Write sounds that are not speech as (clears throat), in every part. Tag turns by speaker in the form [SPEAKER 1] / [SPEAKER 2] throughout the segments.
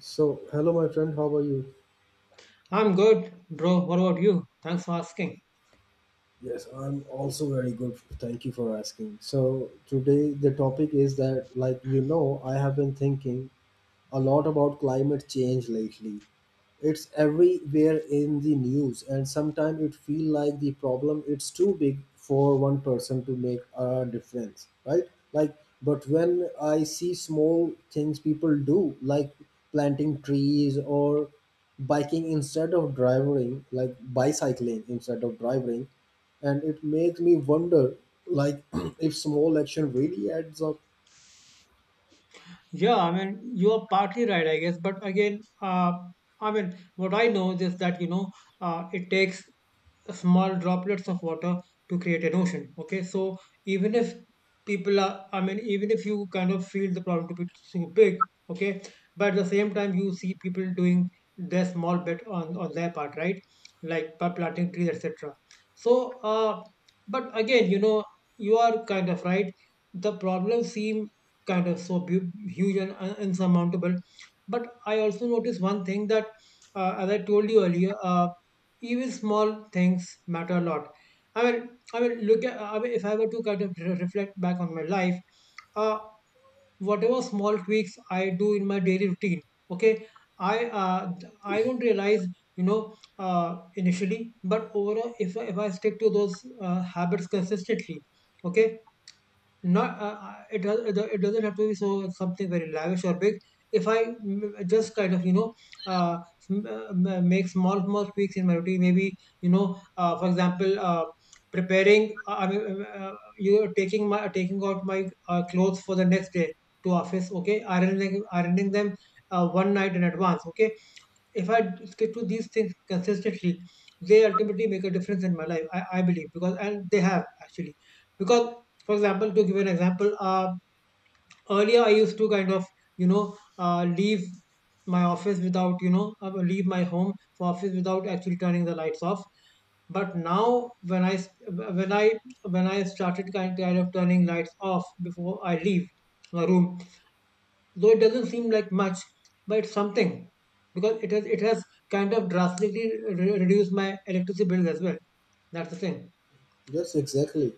[SPEAKER 1] So, hello, my friend. How are you?
[SPEAKER 2] I'm good, bro. What about you? Thanks for asking.
[SPEAKER 1] Yes, I'm also very good. Thank you for asking. So, today the topic is that, I have been thinking a lot about climate change lately. It's everywhere in the news, and sometimes it feels like the problem it's too big for one person to make a difference, right? Like, but when I see small things people do like planting trees or biking instead of driving, like bicycling instead of driving, and it makes me wonder like (clears throat) if small action really adds up.
[SPEAKER 2] Yeah, I mean, you are partly right, I guess. But again, I mean, what I know is that, it takes small droplets of water to create an ocean. Okay, so even if people are, I mean, even if you kind of feel the problem to be too big, okay, but at the same time, you see people doing their small bit on their part, right? Like by planting trees, etc. So, but again, you are kind of right. The problems seem kind of so huge and insurmountable. But I also noticed one thing that, as I told you earlier, even small things matter a lot. I mean, look at I mean, if I were to kind of reflect back on my life, uh, whatever small tweaks I do in my daily routine. Okay, I uh, I don't realize, initially, but overall, if I stick to those habits consistently. Okay, not, it doesn't have to be so something very lavish or big. If I just kind of, uh, make small small tweaks in my routine, maybe, for example, preparing I mean you know, taking out my clothes for the next day to office. Okay, ironing them one night in advance. Okay, if I stick to these things consistently, they ultimately make a difference in my life. I believe, because and they have actually, because, for example, to give an example, earlier I used to kind of, leave my office without leave my home for office without actually turning the lights off. But now when I s- when I started kind of turning lights off before I leave my room. Though it doesn't seem like much, but it's something, because it has kind of drastically reduced my electricity bills as well. That's the thing.
[SPEAKER 1] Yes, exactly.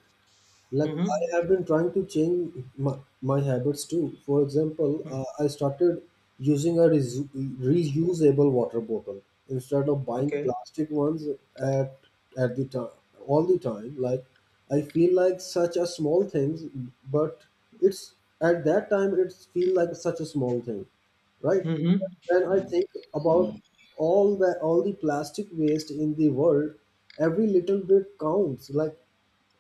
[SPEAKER 1] Like, I
[SPEAKER 2] Mm-hmm.
[SPEAKER 1] have been trying to change my, my habits too. For example,
[SPEAKER 2] Mm.
[SPEAKER 1] I started using a reusable water bottle instead of buying
[SPEAKER 2] Okay.
[SPEAKER 1] plastic ones at at the time all the time. Like, I feel like such a small thing, but it's at that time it feel like such a small thing, right?
[SPEAKER 2] Mm-hmm.
[SPEAKER 1] When I think about all the plastic waste in the world, every little bit counts. Like,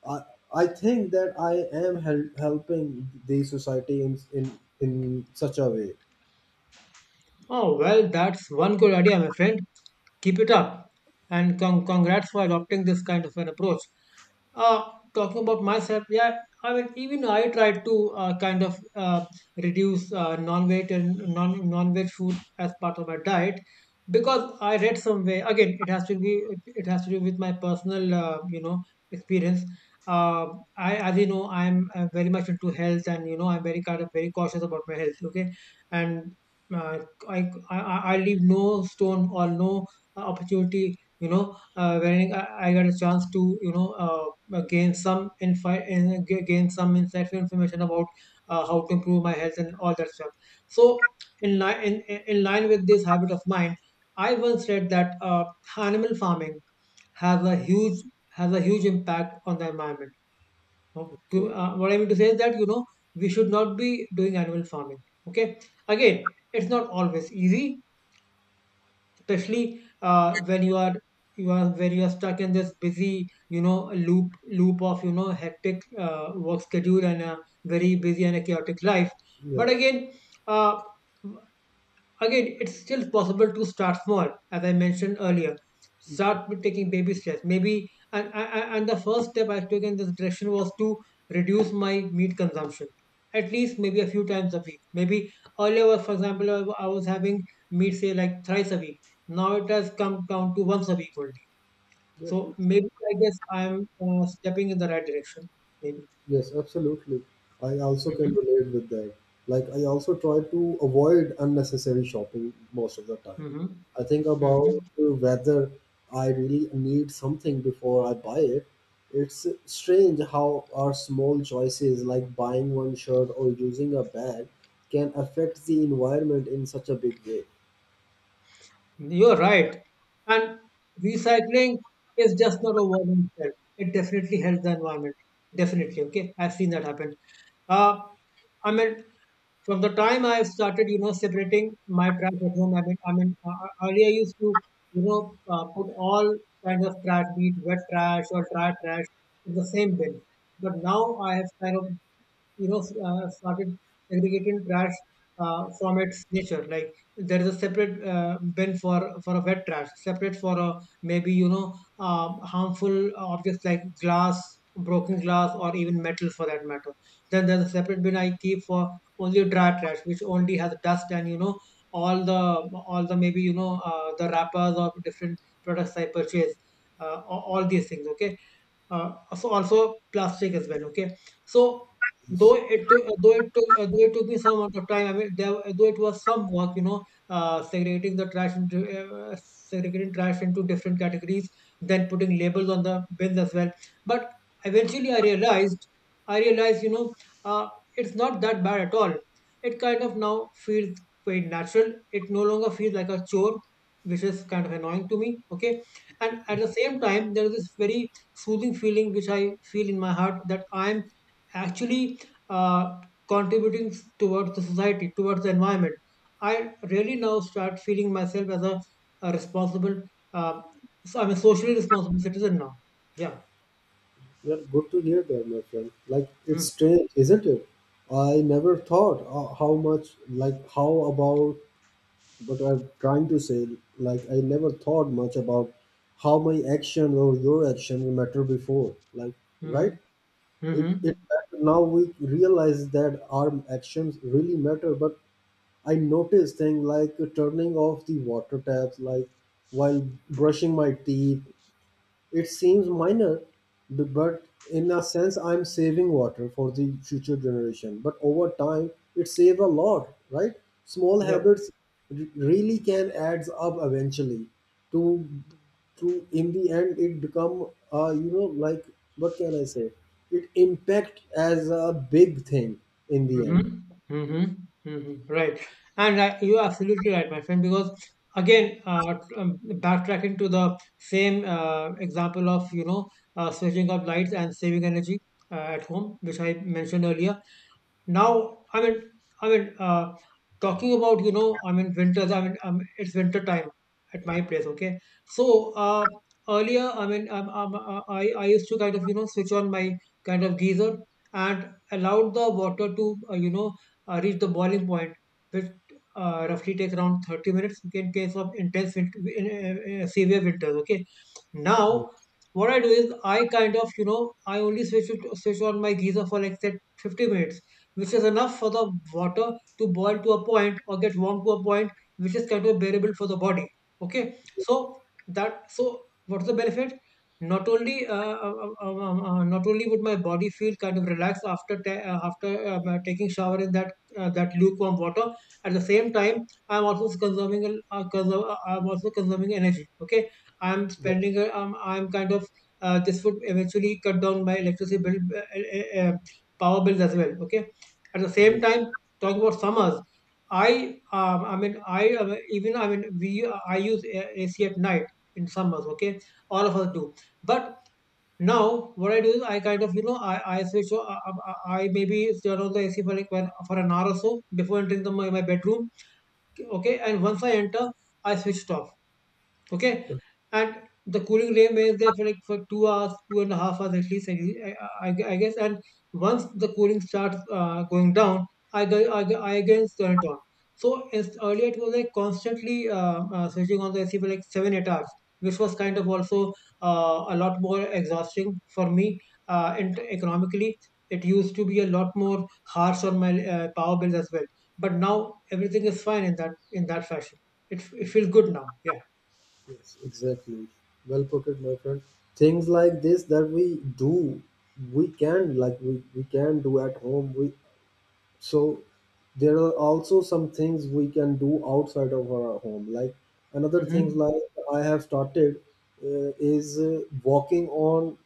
[SPEAKER 1] I I think that I am helping the society in in such a way.
[SPEAKER 2] Oh, well, that's one good idea, my friend. Keep it up. And congrats for adopting this kind of an approach. Uh, Talking about myself, yeah, I mean, even I tried to, kind of, reduce non-veg and non-veg food as part of my diet, because I read somewhere. Again, it has to do with my personal, experience. Uh, I, as you know, I'm, very much into health, and, I'm very kind of very cautious about my health. Okay, and, uh, I, I leave no stone or no, opportunity, wherein I get a chance to, gain some infi- in- ga- gain some insightful information about, how to improve my health and all that stuff. So, in line with this habit of mine, I once read that, animal farming has a huge, impact on the environment. Oh,
[SPEAKER 1] Okay.
[SPEAKER 2] what I mean to say is that, we should not be doing animal farming. Okay, again, it's not always easy, especially, when you are stuck in this busy, loop of, hectic, work schedule and a very busy and a chaotic life. But
[SPEAKER 1] Yes.
[SPEAKER 2] again, uh, it's still possible to start small, as I mentioned earlier. Start with taking baby steps. Maybe, and the first step I took in this direction was to reduce my meat consumption, at least maybe a few times a week. Maybe earlier was, for example, I was having meat, say, like thrice a week. Now it has come down to once a week only.
[SPEAKER 1] Yes.
[SPEAKER 2] So maybe I guess I'm, stepping in the right direction. Maybe.
[SPEAKER 1] Yes. Absolutely. I also can
[SPEAKER 2] Mm-hmm.
[SPEAKER 1] relate with that. Like, I also try to avoid unnecessary shopping most of the time.
[SPEAKER 2] Mm-hmm.
[SPEAKER 1] I think about
[SPEAKER 2] Mm-hmm.
[SPEAKER 1] whether I really need something before I buy it. It's strange how our small choices, like buying one shirt or using a bag, can affect the environment in such a big way.
[SPEAKER 2] You're right. And recycling is just not a word in itself. It definitely helps the environment. Definitely. Okay. I've seen that happen. Uh, I mean, from the time I started, separating my trash at home. I mean, earlier I used to, put all kinds of trash, be it wet trash or dry trash, in the same bin. But now I have kind of, you know, started segregating trash, from its nature. Like, there is a separate, bin for a wet trash, separate for a maybe, harmful objects like glass, broken glass, or even metal for that matter. Then there's a separate bin I keep for only dry trash, which only has dust and, all the all the maybe, the wrappers or different products I purchase. All these things. Okay, so also plastic as well. Okay, so
[SPEAKER 1] Yes.
[SPEAKER 2] though it took though it took though it took me some amount of time. I mean, there, though it was some work, segregating trash into different categories, then putting labels on the bins as well. But eventually I realized, uh, it's not that bad at all. It kind of now feels quite natural. It no longer feels like a chore, which is kind of annoying to me. Okay, and at the same time, there is this very soothing feeling which I feel in my heart, that I'm actually, uh, contributing towards the society, towards the environment. I really now start feeling myself as a responsible, uh, so I'm a socially responsible citizen now. Yeah.
[SPEAKER 1] Well, good to hear that, my friend. Like, it's
[SPEAKER 2] Mm-hmm.
[SPEAKER 1] strange, isn't it? I never thought how much, like, how about what I'm trying to say. Like, I never thought much about how my action or your action matter before. Like,
[SPEAKER 2] Mm-hmm.
[SPEAKER 1] right? It
[SPEAKER 2] Mm-hmm.
[SPEAKER 1] it matter. Now we realize that our actions really matter. But I noticed things like turning off the water taps, like while brushing my teeth, it seems minor, but in a sense, I'm saving water for the future generation. But over time, it saves a lot, right? Small
[SPEAKER 2] Yep.
[SPEAKER 1] habits really can adds up eventually to to in the end it become like what can I say? It impact as a big thing in the end.
[SPEAKER 2] Mm-hmm. Mm-hmm. Mm-hmm. Right. And, you're absolutely right, my friend, because again, backtracking to the same, example of, switching off lights and saving energy, at home, which I mentioned earlier. Now, I mean, I mean, uh, talking about, I mean, winters, I mean, it's winter time at my place, okay? So, earlier, I mean, I used to kind of, switch on my kind of geyser and allowed the water to, reach the boiling point, which, roughly takes around 30 minutes. Okay, in case of intense winter, severe winters, okay?
[SPEAKER 1] Yeah.
[SPEAKER 2] Now, what I do is I kind of, I only switch on my geyser for like, say, 50 minutes, which is enough for the water to boil to a point or get warm to a point, which is kind of bearable for the body. Okay, so that, so what's the benefit? Not only, uh, not only would my body feel kind of relaxed, after, taking shower in that, lukewarm water. At the same time, I'm also consuming energy. Okay, I'm spending, I'm kind of, this would eventually cut down my electricity bill, power bills as well. Okay, at the
[SPEAKER 1] Yeah.
[SPEAKER 2] same time, talking about summers, I mean I even I mean we I use AC at night in summers. Okay, all of us do. But now what I do is I kind of, I switch. So, I maybe turn on the AC for like, one, for an hour or so before entering my bedroom. Okay, and once I enter, I switch it off. Okay? And the cooling rim is there for like, for 2 hours, 2.5 hours at least, I guess. And once the cooling starts, going down, I again turn it on. So, earlier it was like constantly, switching on the AC for like 7, 8 hours, which was kind of also, a lot more exhausting for me. And economically, it used to be a lot more harsh on my, power bills as well. But now everything is fine in that, fashion. It feels good now. Yeah.
[SPEAKER 1] Yes, exactly. Well put it, my friend. Things like this that we do, we can like we can do at home. We so there are also some things we can do outside of our home, like another things
[SPEAKER 2] Mhm.
[SPEAKER 1] like I have started is walking on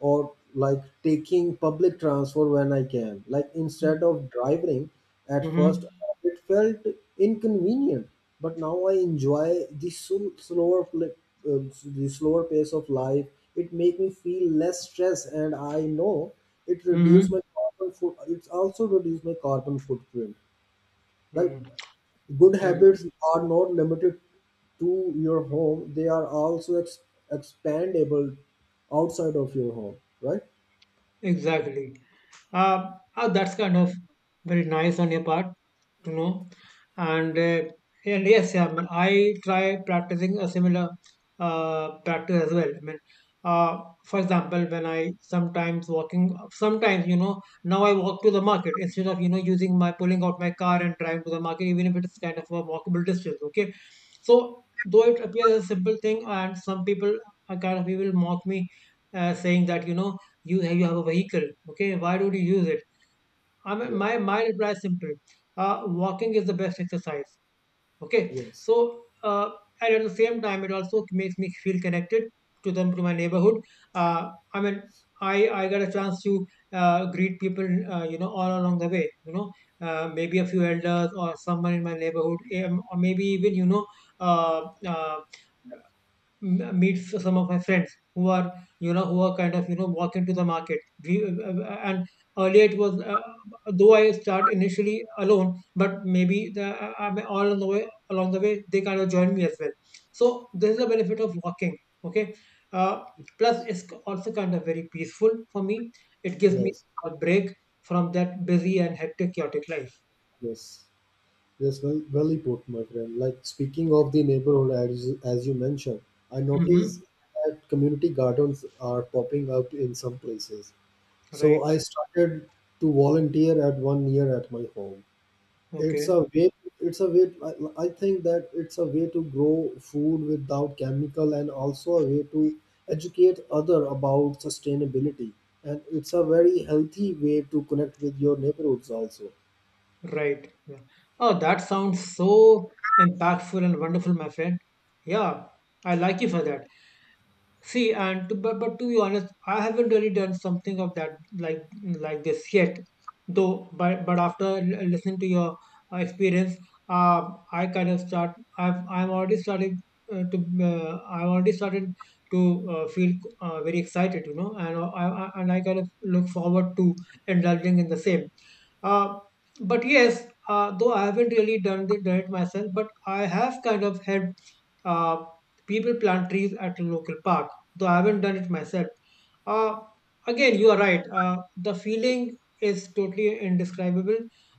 [SPEAKER 1] or like taking public transfer when I can, like instead
[SPEAKER 2] Mhm.
[SPEAKER 1] of driving. At first
[SPEAKER 2] Mhm.
[SPEAKER 1] it felt inconvenient, but now I enjoy the the slower pace of life. It make me feel less stress, and I know it reduce my
[SPEAKER 2] Mhm.
[SPEAKER 1] carbon foot it's also reduce my carbon footprint. Like, good
[SPEAKER 2] Mhm.
[SPEAKER 1] habits are not limited to your home, they are also expandable outside of your home, right?
[SPEAKER 2] Exactly. That's kind of very nice on your part to know. And uh, and yes, yeah, I mean, I try practicing a similar, practice as well. I mean, uh, for example, when I sometimes walking, sometimes, now I walk to the market instead of, using my pulling out my car and driving to the market, even if it is kind of a walkable distance. Okay, so though it appears as a simple thing, and some people are kind of people mock me, saying that you have a vehicle, okay, why don't you use it? I mean,
[SPEAKER 1] Yeah,
[SPEAKER 2] my reply is simple. Walking is the best exercise. Okay,
[SPEAKER 1] yes,
[SPEAKER 2] so and at the same time it also makes me feel connected to them, to my neighborhood. uh, I mean, I got a chance to greet people, all along the way. Maybe a few elders or someone in my neighborhood, or maybe even uh, uh, meet some of my friends who are, who are kind of, walk into the market. And earlier it was though I start initially alone, but maybe the I all on the way along the way they kind of join me as well. So this is the benefit of walking. Okay. uh, Plus it's also kind of very peaceful for me. It gives me
[SPEAKER 1] yes,
[SPEAKER 2] a break from that busy and hectic, chaotic life.
[SPEAKER 1] yes, yes. Well, well put, my friend. Like, speaking of the neighborhood, as you mentioned, I noticed
[SPEAKER 2] Hmm.
[SPEAKER 1] that community gardens are popping up in some places. So
[SPEAKER 2] Right.
[SPEAKER 1] I started to volunteer at one near at my home. It's a
[SPEAKER 2] Okay.
[SPEAKER 1] way it's a way I think that it's a way to grow food without chemical, and also a way to educate other about sustainability, and it's a very healthy way to connect with your neighborhoods also.
[SPEAKER 2] Right. Yeah. Oh, that sounds so impactful and wonderful, my friend. Yeah, I like you for that. See, and to, but to be honest, I haven't really done something of that like like this yet. Though, but after listening to your experience, uh, I kind of start. I've I'm already started to. I've already started to feel very excited, you know, and I kind of look forward to indulging in the same. Uh, but yes, though I haven't really done it myself, but I have kind of helped uh, people plant trees at a local park, though I haven't done it myself. Uh, Again, you are right. The feeling is totally indescribable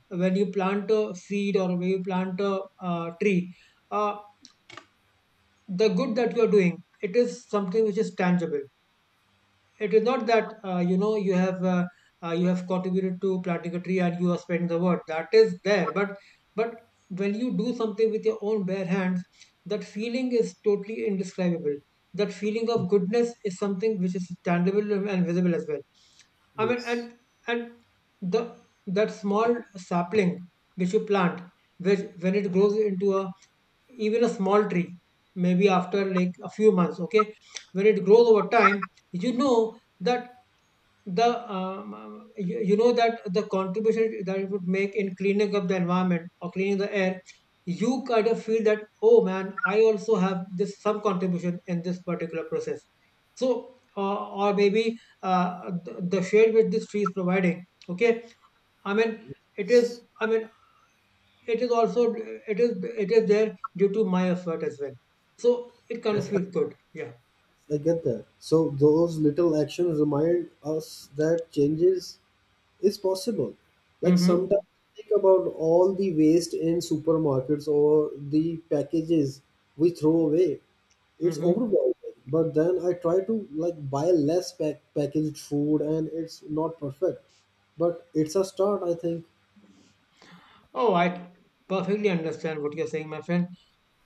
[SPEAKER 2] when you plant a seed or when you plant a tree. Uh, the good that you are doing, it is something which is tangible. It is not that you have contributed to platycatry and you have spent the word that is there, but when you do something with your own bare hands, that feeling is totally indescribable. That feeling
[SPEAKER 1] Mm,
[SPEAKER 2] of goodness is something which is tangible and visible as well. I mean, and
[SPEAKER 1] yes,
[SPEAKER 2] and the that small sapling which you plant, which when it grows into a, even a small tree, maybe after like a few months, okay, when it grows over time, you know that the you know that the contribution that it would make in cleaning up the environment or cleaning the air, you kind of feel that, oh man, I also have this some contribution in this particular process. So, or maybe uh, the shade which this tree is providing, okay, I mean, it is I mean it is also it is it is there due to my effort as well. So it kind of
[SPEAKER 1] yes,
[SPEAKER 2] feels good. Yeah.
[SPEAKER 1] I get that, so those little actions remind us that changes is possible. Like sometimes
[SPEAKER 2] Mm-hmm.
[SPEAKER 1] think about all the waste in supermarkets or the packages we throw away. It's
[SPEAKER 2] Mm-hmm.
[SPEAKER 1] overwhelming. But then I try to like buy less packaged food, and it's not perfect, but it's a start, I think.
[SPEAKER 2] Oh, I perfectly understand what you're saying, my friend.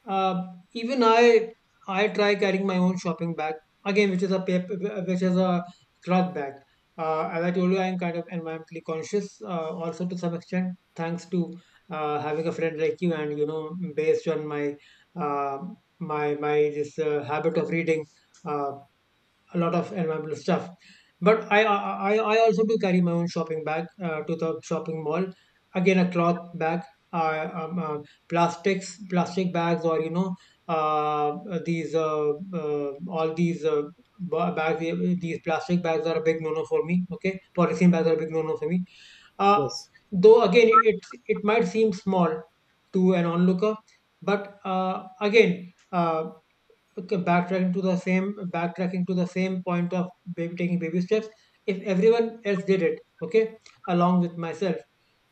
[SPEAKER 2] Uh, Even I try carrying my own shopping bag, again, which is a paper, which is a cloth bag. As I told you, I'm kind of environmentally conscious, also to some extent, thanks to having a friend like you, and you know, based on my uh, my my this habit of reading. Uh, a lot of environmental stuff. But I also do carry my own shopping bag to the shopping mall. Again, a cloth bag, uh, um, uh, plastic bags, or you know uh, these all these ba- bags. These plastic bags are a big no no for me. Okay, polythene bags are a big no no for me. Uh,
[SPEAKER 1] Yes.
[SPEAKER 2] though again, it might seem small to an onlooker, but again. Okay, backtracking to the same point of baby taking baby steps. If everyone else did it, okay, along with myself,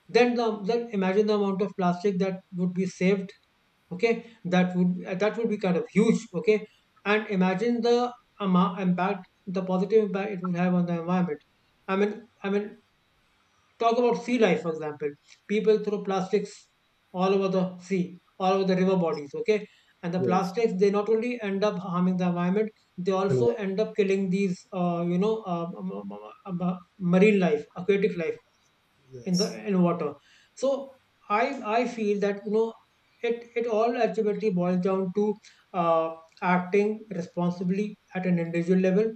[SPEAKER 2] then then imagine the amount of plastic that would be saved. Okay, that would be kind of huge. Okay, and imagine the amount impact, the positive impact it would have on the environment. I mean, talk about sea life, for example. People throw plastics all over the sea, all over the river bodies, okay? And the
[SPEAKER 1] Yes.
[SPEAKER 2] plastics, they not only end up harming the environment, they
[SPEAKER 1] And
[SPEAKER 2] also
[SPEAKER 1] what?
[SPEAKER 2] end up killing these, m- marine life, aquatic life in the
[SPEAKER 1] Yes.
[SPEAKER 2] in water. So I I feel that, you know, it all ultimately boils down to uh, acting responsibly at an individual level,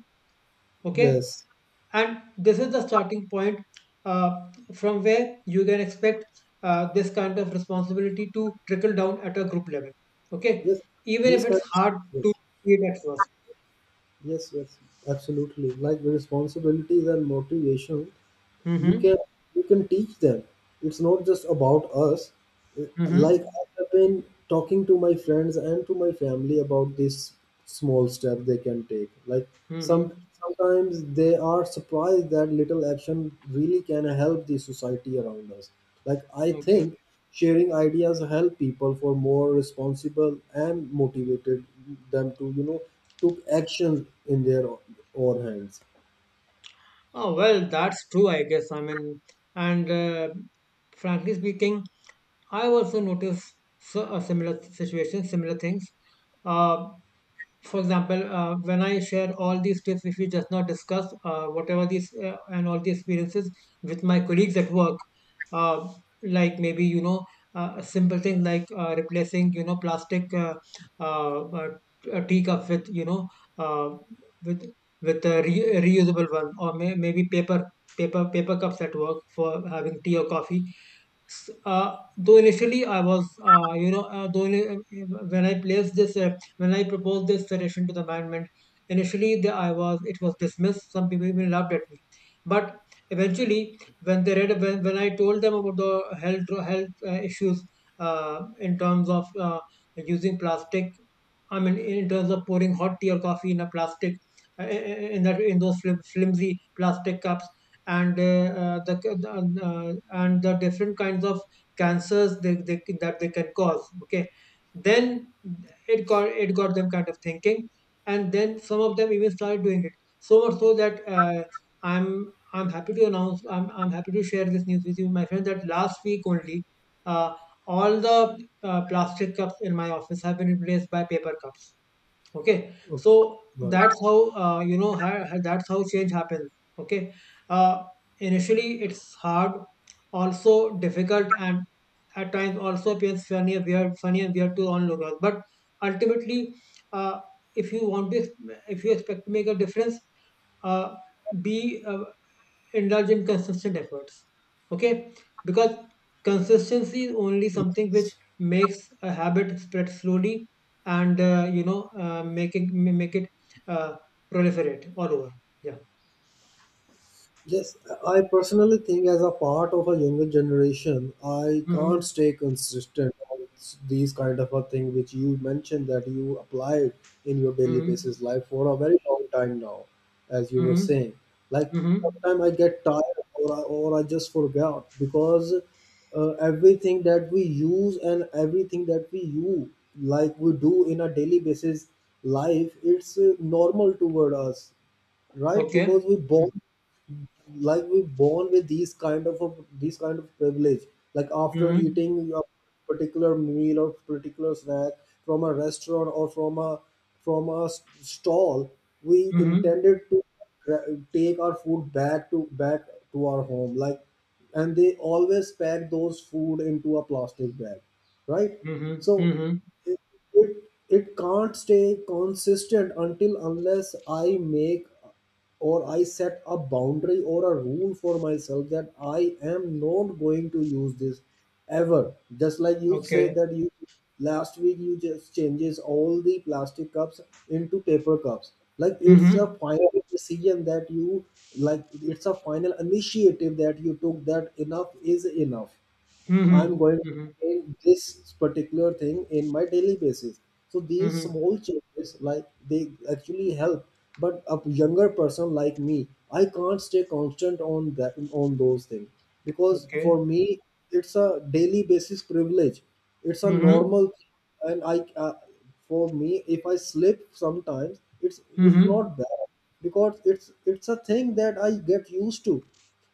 [SPEAKER 2] okay,
[SPEAKER 1] Yes.
[SPEAKER 2] and this is the starting point uh, from where you can expect this kind of responsibility to trickle down at a group level, okay,
[SPEAKER 1] Yes.
[SPEAKER 2] even
[SPEAKER 1] These
[SPEAKER 2] if
[SPEAKER 1] kind.
[SPEAKER 2] it's
[SPEAKER 1] Of,
[SPEAKER 2] hard to
[SPEAKER 1] yes.
[SPEAKER 2] see it at 1st.
[SPEAKER 1] Yes. Yes. Absolutely. Like, the responsibilities and motivation you can
[SPEAKER 2] Mm-hmm.
[SPEAKER 1] teach them, it's not just about us. Like,
[SPEAKER 2] Mm-hmm.
[SPEAKER 1] I have been talking to my friends and to my family about this small step they can take. Like
[SPEAKER 2] Mm-hmm.
[SPEAKER 1] some sometimes they are surprised that little action really can help the society around us. Like, I
[SPEAKER 2] Okay.
[SPEAKER 1] think sharing ideas help people for more responsible and motivated them to, you know, took action in their own hands.
[SPEAKER 2] Oh well, that's true, I guess. I mean, and frankly speaking, I also noticed, so, a similar situation similar things. Uh. For example, when I share all these tips which we just now discussed, whatever these and all the experiences with my colleagues at work, uh, like maybe you know simple things like replacing, you know, plastic uh, tea cups with, you know, uh, with with a reusable one, or maybe paper paper cups at work for having tea or coffee. S- though initially I was, you know, though ini- When I placed this, when I proposed this suggestion to the management, initially it was dismissed. Some people even laughed at me. But eventually, when I told them about the health issues in terms of using plastic, I mean, in terms of pouring hot tea or coffee in a plastic, in that in those flimsy plastic cups, and uh, the, and the different kinds of cancers that they can cause, okay. Then it got them kind of thinking, and then some of them even started doing it, so much so that I'm happy to share this news with you, my friend, that last week only, uh, all the plastic cups in my office have been replaced by paper cups. Okay,
[SPEAKER 1] Okay,
[SPEAKER 2] so
[SPEAKER 1] right.
[SPEAKER 2] that's how, that's how change happens. Okay. uh, Initially it's hard, also difficult, and at times also appears funny and weird, to onlookers, but ultimately, uh, if you want to, if you expect to make a difference, uh, be indulge in consistent efforts. Okay, because consistency is only something which
[SPEAKER 1] Yes.
[SPEAKER 2] makes a habit spread slowly and, make it make it uh, proliferate all over. Yeah.
[SPEAKER 1] Yes, I personally think as a part of a younger generation, I can't
[SPEAKER 2] Mm-hmm.
[SPEAKER 1] stay consistent on these kind of a thing which you mentioned that you applied in your daily
[SPEAKER 2] Mm-hmm.
[SPEAKER 1] basis life for a very long time now, as you were
[SPEAKER 2] Mm-hmm.
[SPEAKER 1] saying. Like,
[SPEAKER 2] Mm-hmm.
[SPEAKER 1] sometimes I get tired, or I just forgot because everything that we use, and everything that we use, like we do in a daily basis life, it's normal toward us, right?
[SPEAKER 2] Okay.
[SPEAKER 1] Because we born, like we born with these kind of privilege. Like, after
[SPEAKER 2] Mm-hmm.
[SPEAKER 1] eating a particular meal or particular snack from a restaurant or from a stall, we
[SPEAKER 2] Mm-hmm.
[SPEAKER 1] intended to take our food back to our home, like, and they always pack those food into a plastic bag, right?
[SPEAKER 2] Mm-hmm.
[SPEAKER 1] So
[SPEAKER 2] Mm-hmm.
[SPEAKER 1] it, it it can't stay consistent until unless I make or I set a boundary or a rule for myself that I am not going to use this ever, just like you say
[SPEAKER 2] Okay.
[SPEAKER 1] that you last week you just changes all the plastic cups into paper cups. Like, it's a
[SPEAKER 2] Mm-hmm.
[SPEAKER 1] final decision that you, like it's a final initiative that you took, that enough is enough. I'm
[SPEAKER 2] Mm-hmm.
[SPEAKER 1] going to
[SPEAKER 2] Mm-hmm.
[SPEAKER 1] maintain this particular thing in my daily basis. So these
[SPEAKER 2] Mm-hmm.
[SPEAKER 1] small changes, like, they actually help. But a younger person like me, I can't stay constant on that on those things, because
[SPEAKER 2] Okay.
[SPEAKER 1] for me it's a daily basis privilege. It's a normal,
[SPEAKER 2] Mm-hmm.
[SPEAKER 1] thing. And I, for me if I slip sometimes, it's
[SPEAKER 2] Mm-hmm.
[SPEAKER 1] not bad, because it's a thing that I get used to.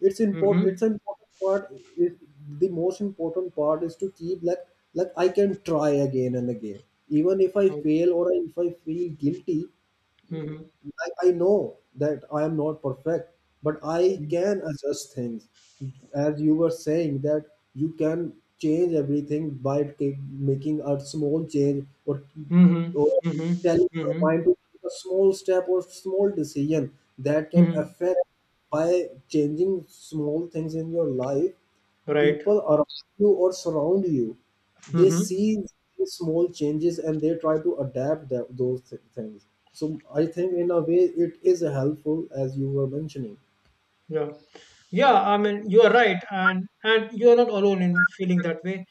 [SPEAKER 1] It's important,
[SPEAKER 2] Mm-hmm.
[SPEAKER 1] it's an important part. It, the most important part is to keep, like I can try again and again, even if I
[SPEAKER 2] Okay.
[SPEAKER 1] fail or if I feel guilty.
[SPEAKER 2] Mm-hmm.
[SPEAKER 1] I know that I am not perfect, but I
[SPEAKER 2] Mm-hmm.
[SPEAKER 1] can adjust things. As you were saying, that you can change everything by making a small change, or,
[SPEAKER 2] Mhm.
[SPEAKER 1] or
[SPEAKER 2] Mhm.
[SPEAKER 1] telling your mind
[SPEAKER 2] Mhm.
[SPEAKER 1] to take a small step or small decision that can
[SPEAKER 2] Mhm.
[SPEAKER 1] affect by changing small things in your life.
[SPEAKER 2] Right.
[SPEAKER 1] People around you or surround you, they
[SPEAKER 2] Mhm.
[SPEAKER 1] see these small changes, and they try to adapt things. So I think in a way it is helpful, as you were mentioning.
[SPEAKER 2] Yeah. Yeah, I mean, you are right, and you are not alone in feeling that way.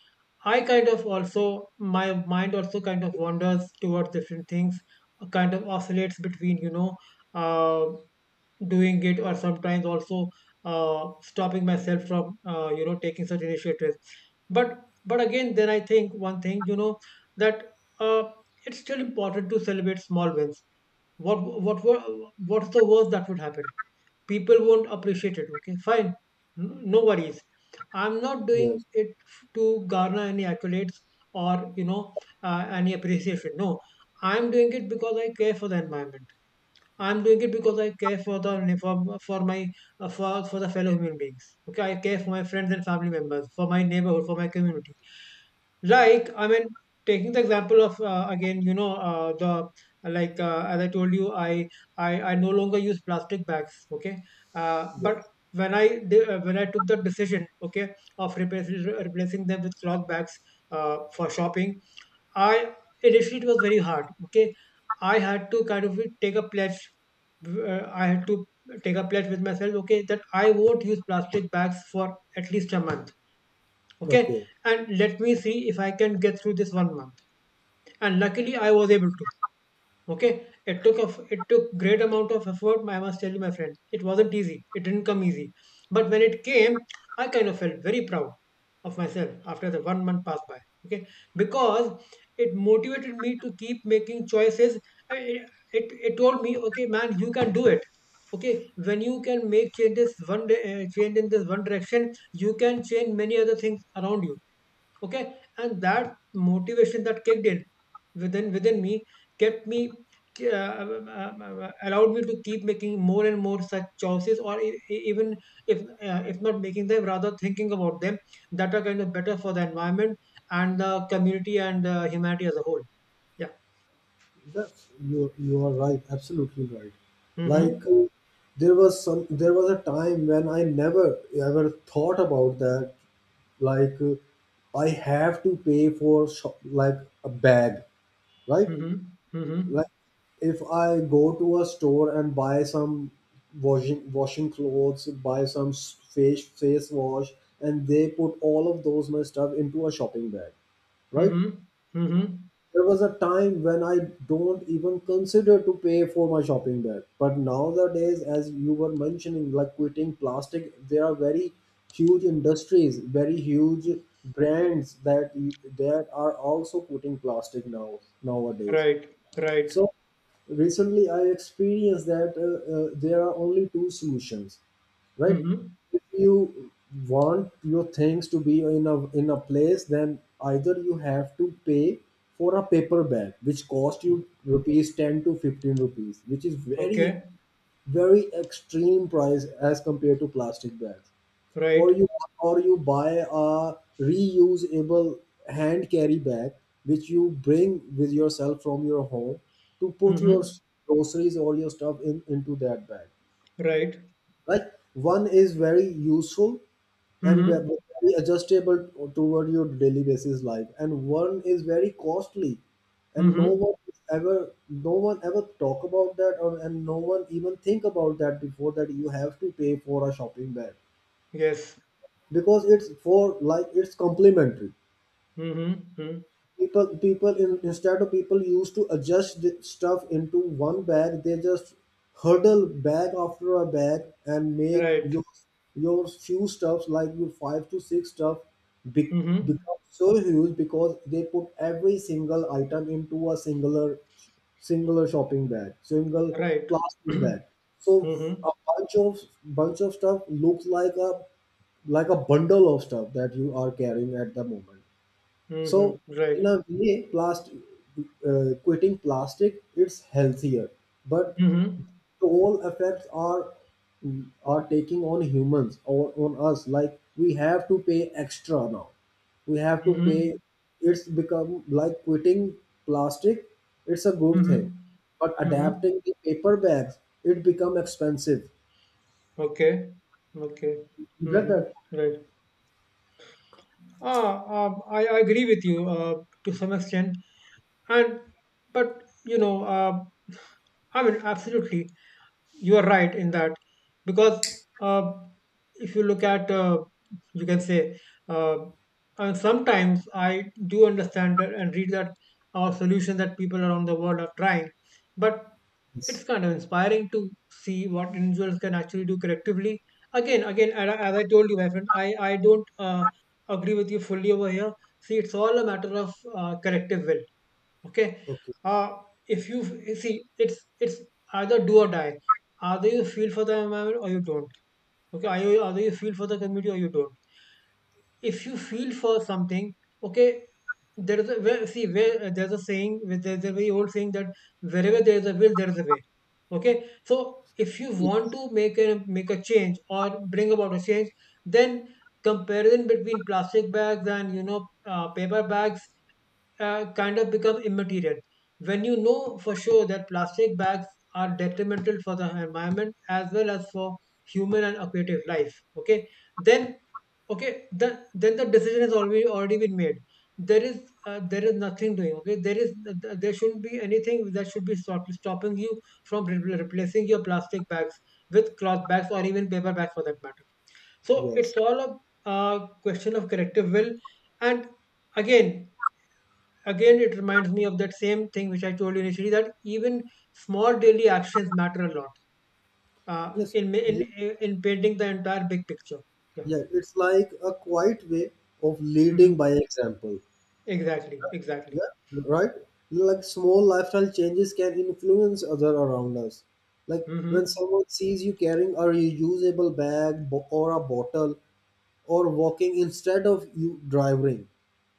[SPEAKER 2] I kind of also, my mind also kind of wanders towards different things. Kind of oscillates between, you know, uh, doing it, or sometimes also stopping myself from, uh, you know, taking such initiatives. But but again, then I think one thing, you know, that uh it's still important to celebrate small wins. what what what what's the worst that would happen? People won't appreciate it, okay, fine. No worries. I'm not doing
[SPEAKER 1] Yes,
[SPEAKER 2] it to garner any accolades, or, you know, any appreciation, no. I'm doing it because I care for the environment. I'm doing it because I care for the for my for the fellow human beings. Okay, I care for my friends and family members, for my neighborhood, for my community. Like, I mean, taking the example of, again, you know, the like as I told you, I no longer use plastic bags. Okay,
[SPEAKER 1] yes,
[SPEAKER 2] but when I did, when I took the decision, okay, of replacing them with cloth bags for shopping, I, initially it was very hard. Okay, I had to kind of take a pledge. I had to take a pledge with myself. Okay, that I won't use plastic bags for at least a month. Okay,
[SPEAKER 1] okay,
[SPEAKER 2] and let me see if I can get through this one month. And luckily I was able to. Okay. It took a it took great amount of effort, I must tell you, my friend. It wasn't easy, it didn't come easy, but when it came, I kind of felt very proud of myself after the one month passed by. Okay, because it motivated me to keep making choices. I- it, it told me, okay man, you can do it. Okay. When you can make changes, change in this one direction, you can change many other things around you. Okay, and that motivation that kicked in within me kept me, allowed me to keep making more and more such choices, or even if not making them, rather thinking about them, that are kind of better for the environment and the community and humanity as a whole. Yeah.
[SPEAKER 1] that's you you are right, absolutely right.
[SPEAKER 2] Mm-hmm.
[SPEAKER 1] Like, there was some there was a time when I never ever thought about that. Like, I have to pay for shop, like a bag, right? Like,
[SPEAKER 2] Mm-hmm. Mm-hmm.
[SPEAKER 1] if I go to a store and buy some washing clothes, buy some face wash, and they put all of those my stuff into a shopping bag, right?
[SPEAKER 2] Mm-hmm. Mm-hmm.
[SPEAKER 1] There was a time when I don't even consider to pay for my shopping bag, but nowadays, as you were mentioning, like quitting plastic, there are very huge industries, very huge brands that that are also quitting plastic nowadays.
[SPEAKER 2] Right. Right.
[SPEAKER 1] So recently, I experienced that there are only two solutions, right?
[SPEAKER 2] Mm-hmm.
[SPEAKER 1] If you want your things to be in a place, then either you have to pay for a paper bag, which cost
[SPEAKER 2] Mm-hmm.
[SPEAKER 1] you rupees 10 to 15 rupees, which is very
[SPEAKER 2] Okay.
[SPEAKER 1] very extreme price as compared to plastic bags, or
[SPEAKER 2] Right.
[SPEAKER 1] you buy a reusable hand carry bag which you bring with yourself from your home to put your
[SPEAKER 2] Mm-hmm.
[SPEAKER 1] groceries or your stuff in into that bag,
[SPEAKER 2] Right.
[SPEAKER 1] right? One is very useful and
[SPEAKER 2] Mm-hmm.
[SPEAKER 1] very adjustable toward your daily basis life, and one is very costly, and no
[SPEAKER 2] Mm-hmm.
[SPEAKER 1] one is ever no one ever talk about that, or and no one even think about that before, that you have to pay for a shopping bag,
[SPEAKER 2] Yes.
[SPEAKER 1] because it's for like it's complementary.
[SPEAKER 2] Mm-hmm. Mm.
[SPEAKER 1] People in, instead of people used to adjust the stuff into one bag, they just hurdle bag after a bag and make
[SPEAKER 2] Right.
[SPEAKER 1] your few stuffs, like your five to six stuff be,
[SPEAKER 2] Mm-hmm.
[SPEAKER 1] become so huge because they put every single item into a singular shopping bag, single
[SPEAKER 2] Right.
[SPEAKER 1] plastic
[SPEAKER 2] (clears throat)
[SPEAKER 1] bag. So
[SPEAKER 2] Mm-hmm.
[SPEAKER 1] a bunch of stuff looks like a bundle of stuff that you are carrying at the moment.
[SPEAKER 2] Mm-hmm.
[SPEAKER 1] So in
[SPEAKER 2] Right.
[SPEAKER 1] a way, plastic, quitting plastic it's healthier, but
[SPEAKER 2] Mm-hmm.
[SPEAKER 1] the whole effects are taking on humans or on us. Like, we have to pay extra now. We have to pay.
[SPEAKER 2] Mm-hmm.
[SPEAKER 1] It's become like quitting plastic. It's a good
[SPEAKER 2] Mm-hmm.
[SPEAKER 1] thing, but
[SPEAKER 2] Mm-hmm.
[SPEAKER 1] adapting the paper bags it become expensive.
[SPEAKER 2] Okay. Okay.
[SPEAKER 1] You get
[SPEAKER 2] Mm-hmm.
[SPEAKER 1] that?
[SPEAKER 2] Right. Ah, I agree with you, to some extent, and but, (sighs) I mean, absolutely. You are right in that, because uh, if you look at, you can say, uh, and sometimes I do understand that and read that, our solution that people around the world are trying. But
[SPEAKER 1] Yes.
[SPEAKER 2] it's kind of inspiring to see what individuals can actually do collectively, again, and as I told you, my friend, I don't agree with you fully over here. See, it's all a matter of collective will. Okay.
[SPEAKER 1] Okay.
[SPEAKER 2] uh if you see, it's either do or die. Either you feel for the environment or you don't. Okay, either you feel for the community or you don't. If you feel for something, okay, there is a where, see where there's a very old saying that wherever there is a will there is a way. Okay. So if you want to make a change, or bring about a change, then comparison between plastic bags and, paper bags, kind of become immaterial. When you know for sure that plastic bags are detrimental for the environment as well as for human and aquatic life, okay, then, okay, then the decision has already been made. There is uh, there is nothing doing. Okay. There shouldn't be anything that should be stopping you from replacing your plastic bags with cloth bags or even paper bags for that matter. So
[SPEAKER 1] Yes.
[SPEAKER 2] it's all a question of collective will. And again again it reminds me of that same thing which I told you initially, that even small daily actions matter a lot, uh,
[SPEAKER 1] Yes.
[SPEAKER 2] in, in
[SPEAKER 1] You
[SPEAKER 2] in painting the entire big picture. Yeah.
[SPEAKER 1] Yeah, it's like a quiet way of leading
[SPEAKER 2] Hmm.
[SPEAKER 1] by example.
[SPEAKER 2] Exactly. Exactly.
[SPEAKER 1] Yeah, right? Like, small lifestyle changes can influence other around us. Like,
[SPEAKER 2] Mm-hmm.
[SPEAKER 1] when someone sees you carrying a reusable bag or a bottle, or walking instead of you driving,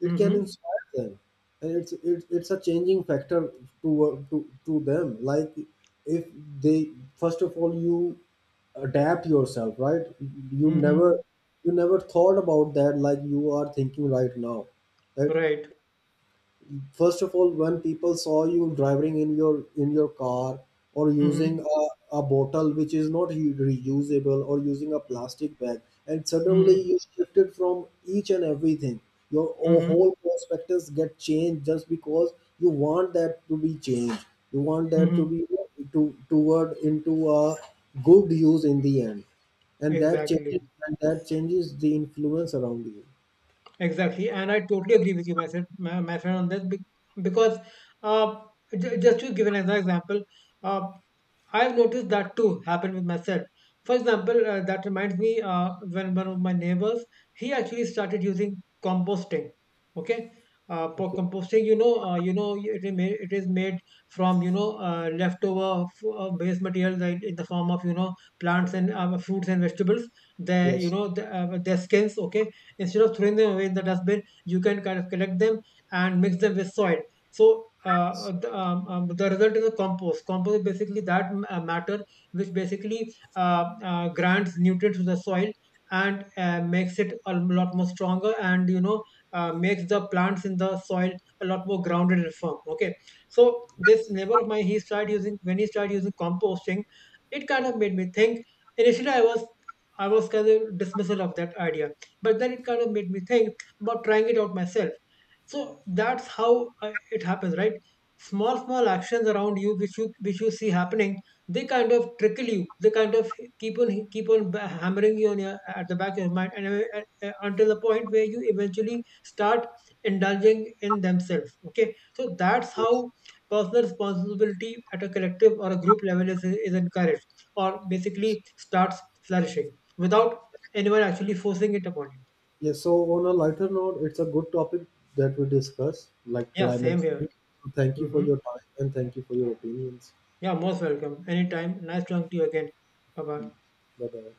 [SPEAKER 1] it can
[SPEAKER 2] Mm-hmm.
[SPEAKER 1] inspire them, and it's a changing factor to, to them. Like, if they first of all you adapt yourself, right? You never,
[SPEAKER 2] Mm-hmm.
[SPEAKER 1] you never thought about that, like you are thinking right now, right?
[SPEAKER 2] Right.
[SPEAKER 1] First of all, when people saw you driving in your car, or using
[SPEAKER 2] Mm-hmm.
[SPEAKER 1] a bottle which is not reusable, or using a plastic bag, and suddenly
[SPEAKER 2] Mm-hmm.
[SPEAKER 1] you shifted from each and everything, your
[SPEAKER 2] Mm-hmm.
[SPEAKER 1] whole perspectives get changed, just because you want that to be changed, you want that to
[SPEAKER 2] Mm-hmm.
[SPEAKER 1] be to toward into a good use in the end, and
[SPEAKER 2] Exactly.
[SPEAKER 1] that changes the influence around you.
[SPEAKER 2] Exactly, and I totally agree with you, my friend, my friend on this, because, uh, just to give an example, uh, I've noticed that too happen with myself. For example, that reminds me, when one of my neighbors, he actually started using composting. Okay, for
[SPEAKER 1] Okay,
[SPEAKER 2] composting, it is made from, leftover base materials, like in the form of, plants and fruits and vegetables. Their you
[SPEAKER 1] yes,
[SPEAKER 2] know the, their skins. Okay, instead of throwing them away in the dustbin, you can kind of collect them and mix them with soil. So
[SPEAKER 1] yes,
[SPEAKER 2] the result is a compost. Compost is basically that matter which basically grants nutrients to the soil, and makes it a lot more stronger, and, makes the plants in the soil a lot more grounded and firm. Okay, so this neighbor of mine, he started using when he started using composting, it kind of made me think. Initially, I was kind of dismissal of that idea, but then it kind of made me think about trying it out myself. So that's how it happens, right? Small, small actions around you, which you see happening, they kind of trickle you. They kind of keep on hammering you on your at the back of your mind, and until the point where you eventually start indulging in themselves. Okay, so that's
[SPEAKER 1] yes.
[SPEAKER 2] how personal responsibility at a collective or a group level is encouraged, or basically starts flourishing without anyone actually forcing it upon you.
[SPEAKER 1] Yes, so on a lighter note, it's a good topic that we discuss, like
[SPEAKER 2] Yeah, same
[SPEAKER 1] climate change.
[SPEAKER 2] here.
[SPEAKER 1] Thank you for
[SPEAKER 2] Hmm.
[SPEAKER 1] your time and thank you for your opinions.
[SPEAKER 2] Yeah, most welcome. Anytime. Nice talking to you again. Bye bye.
[SPEAKER 1] Bye bye.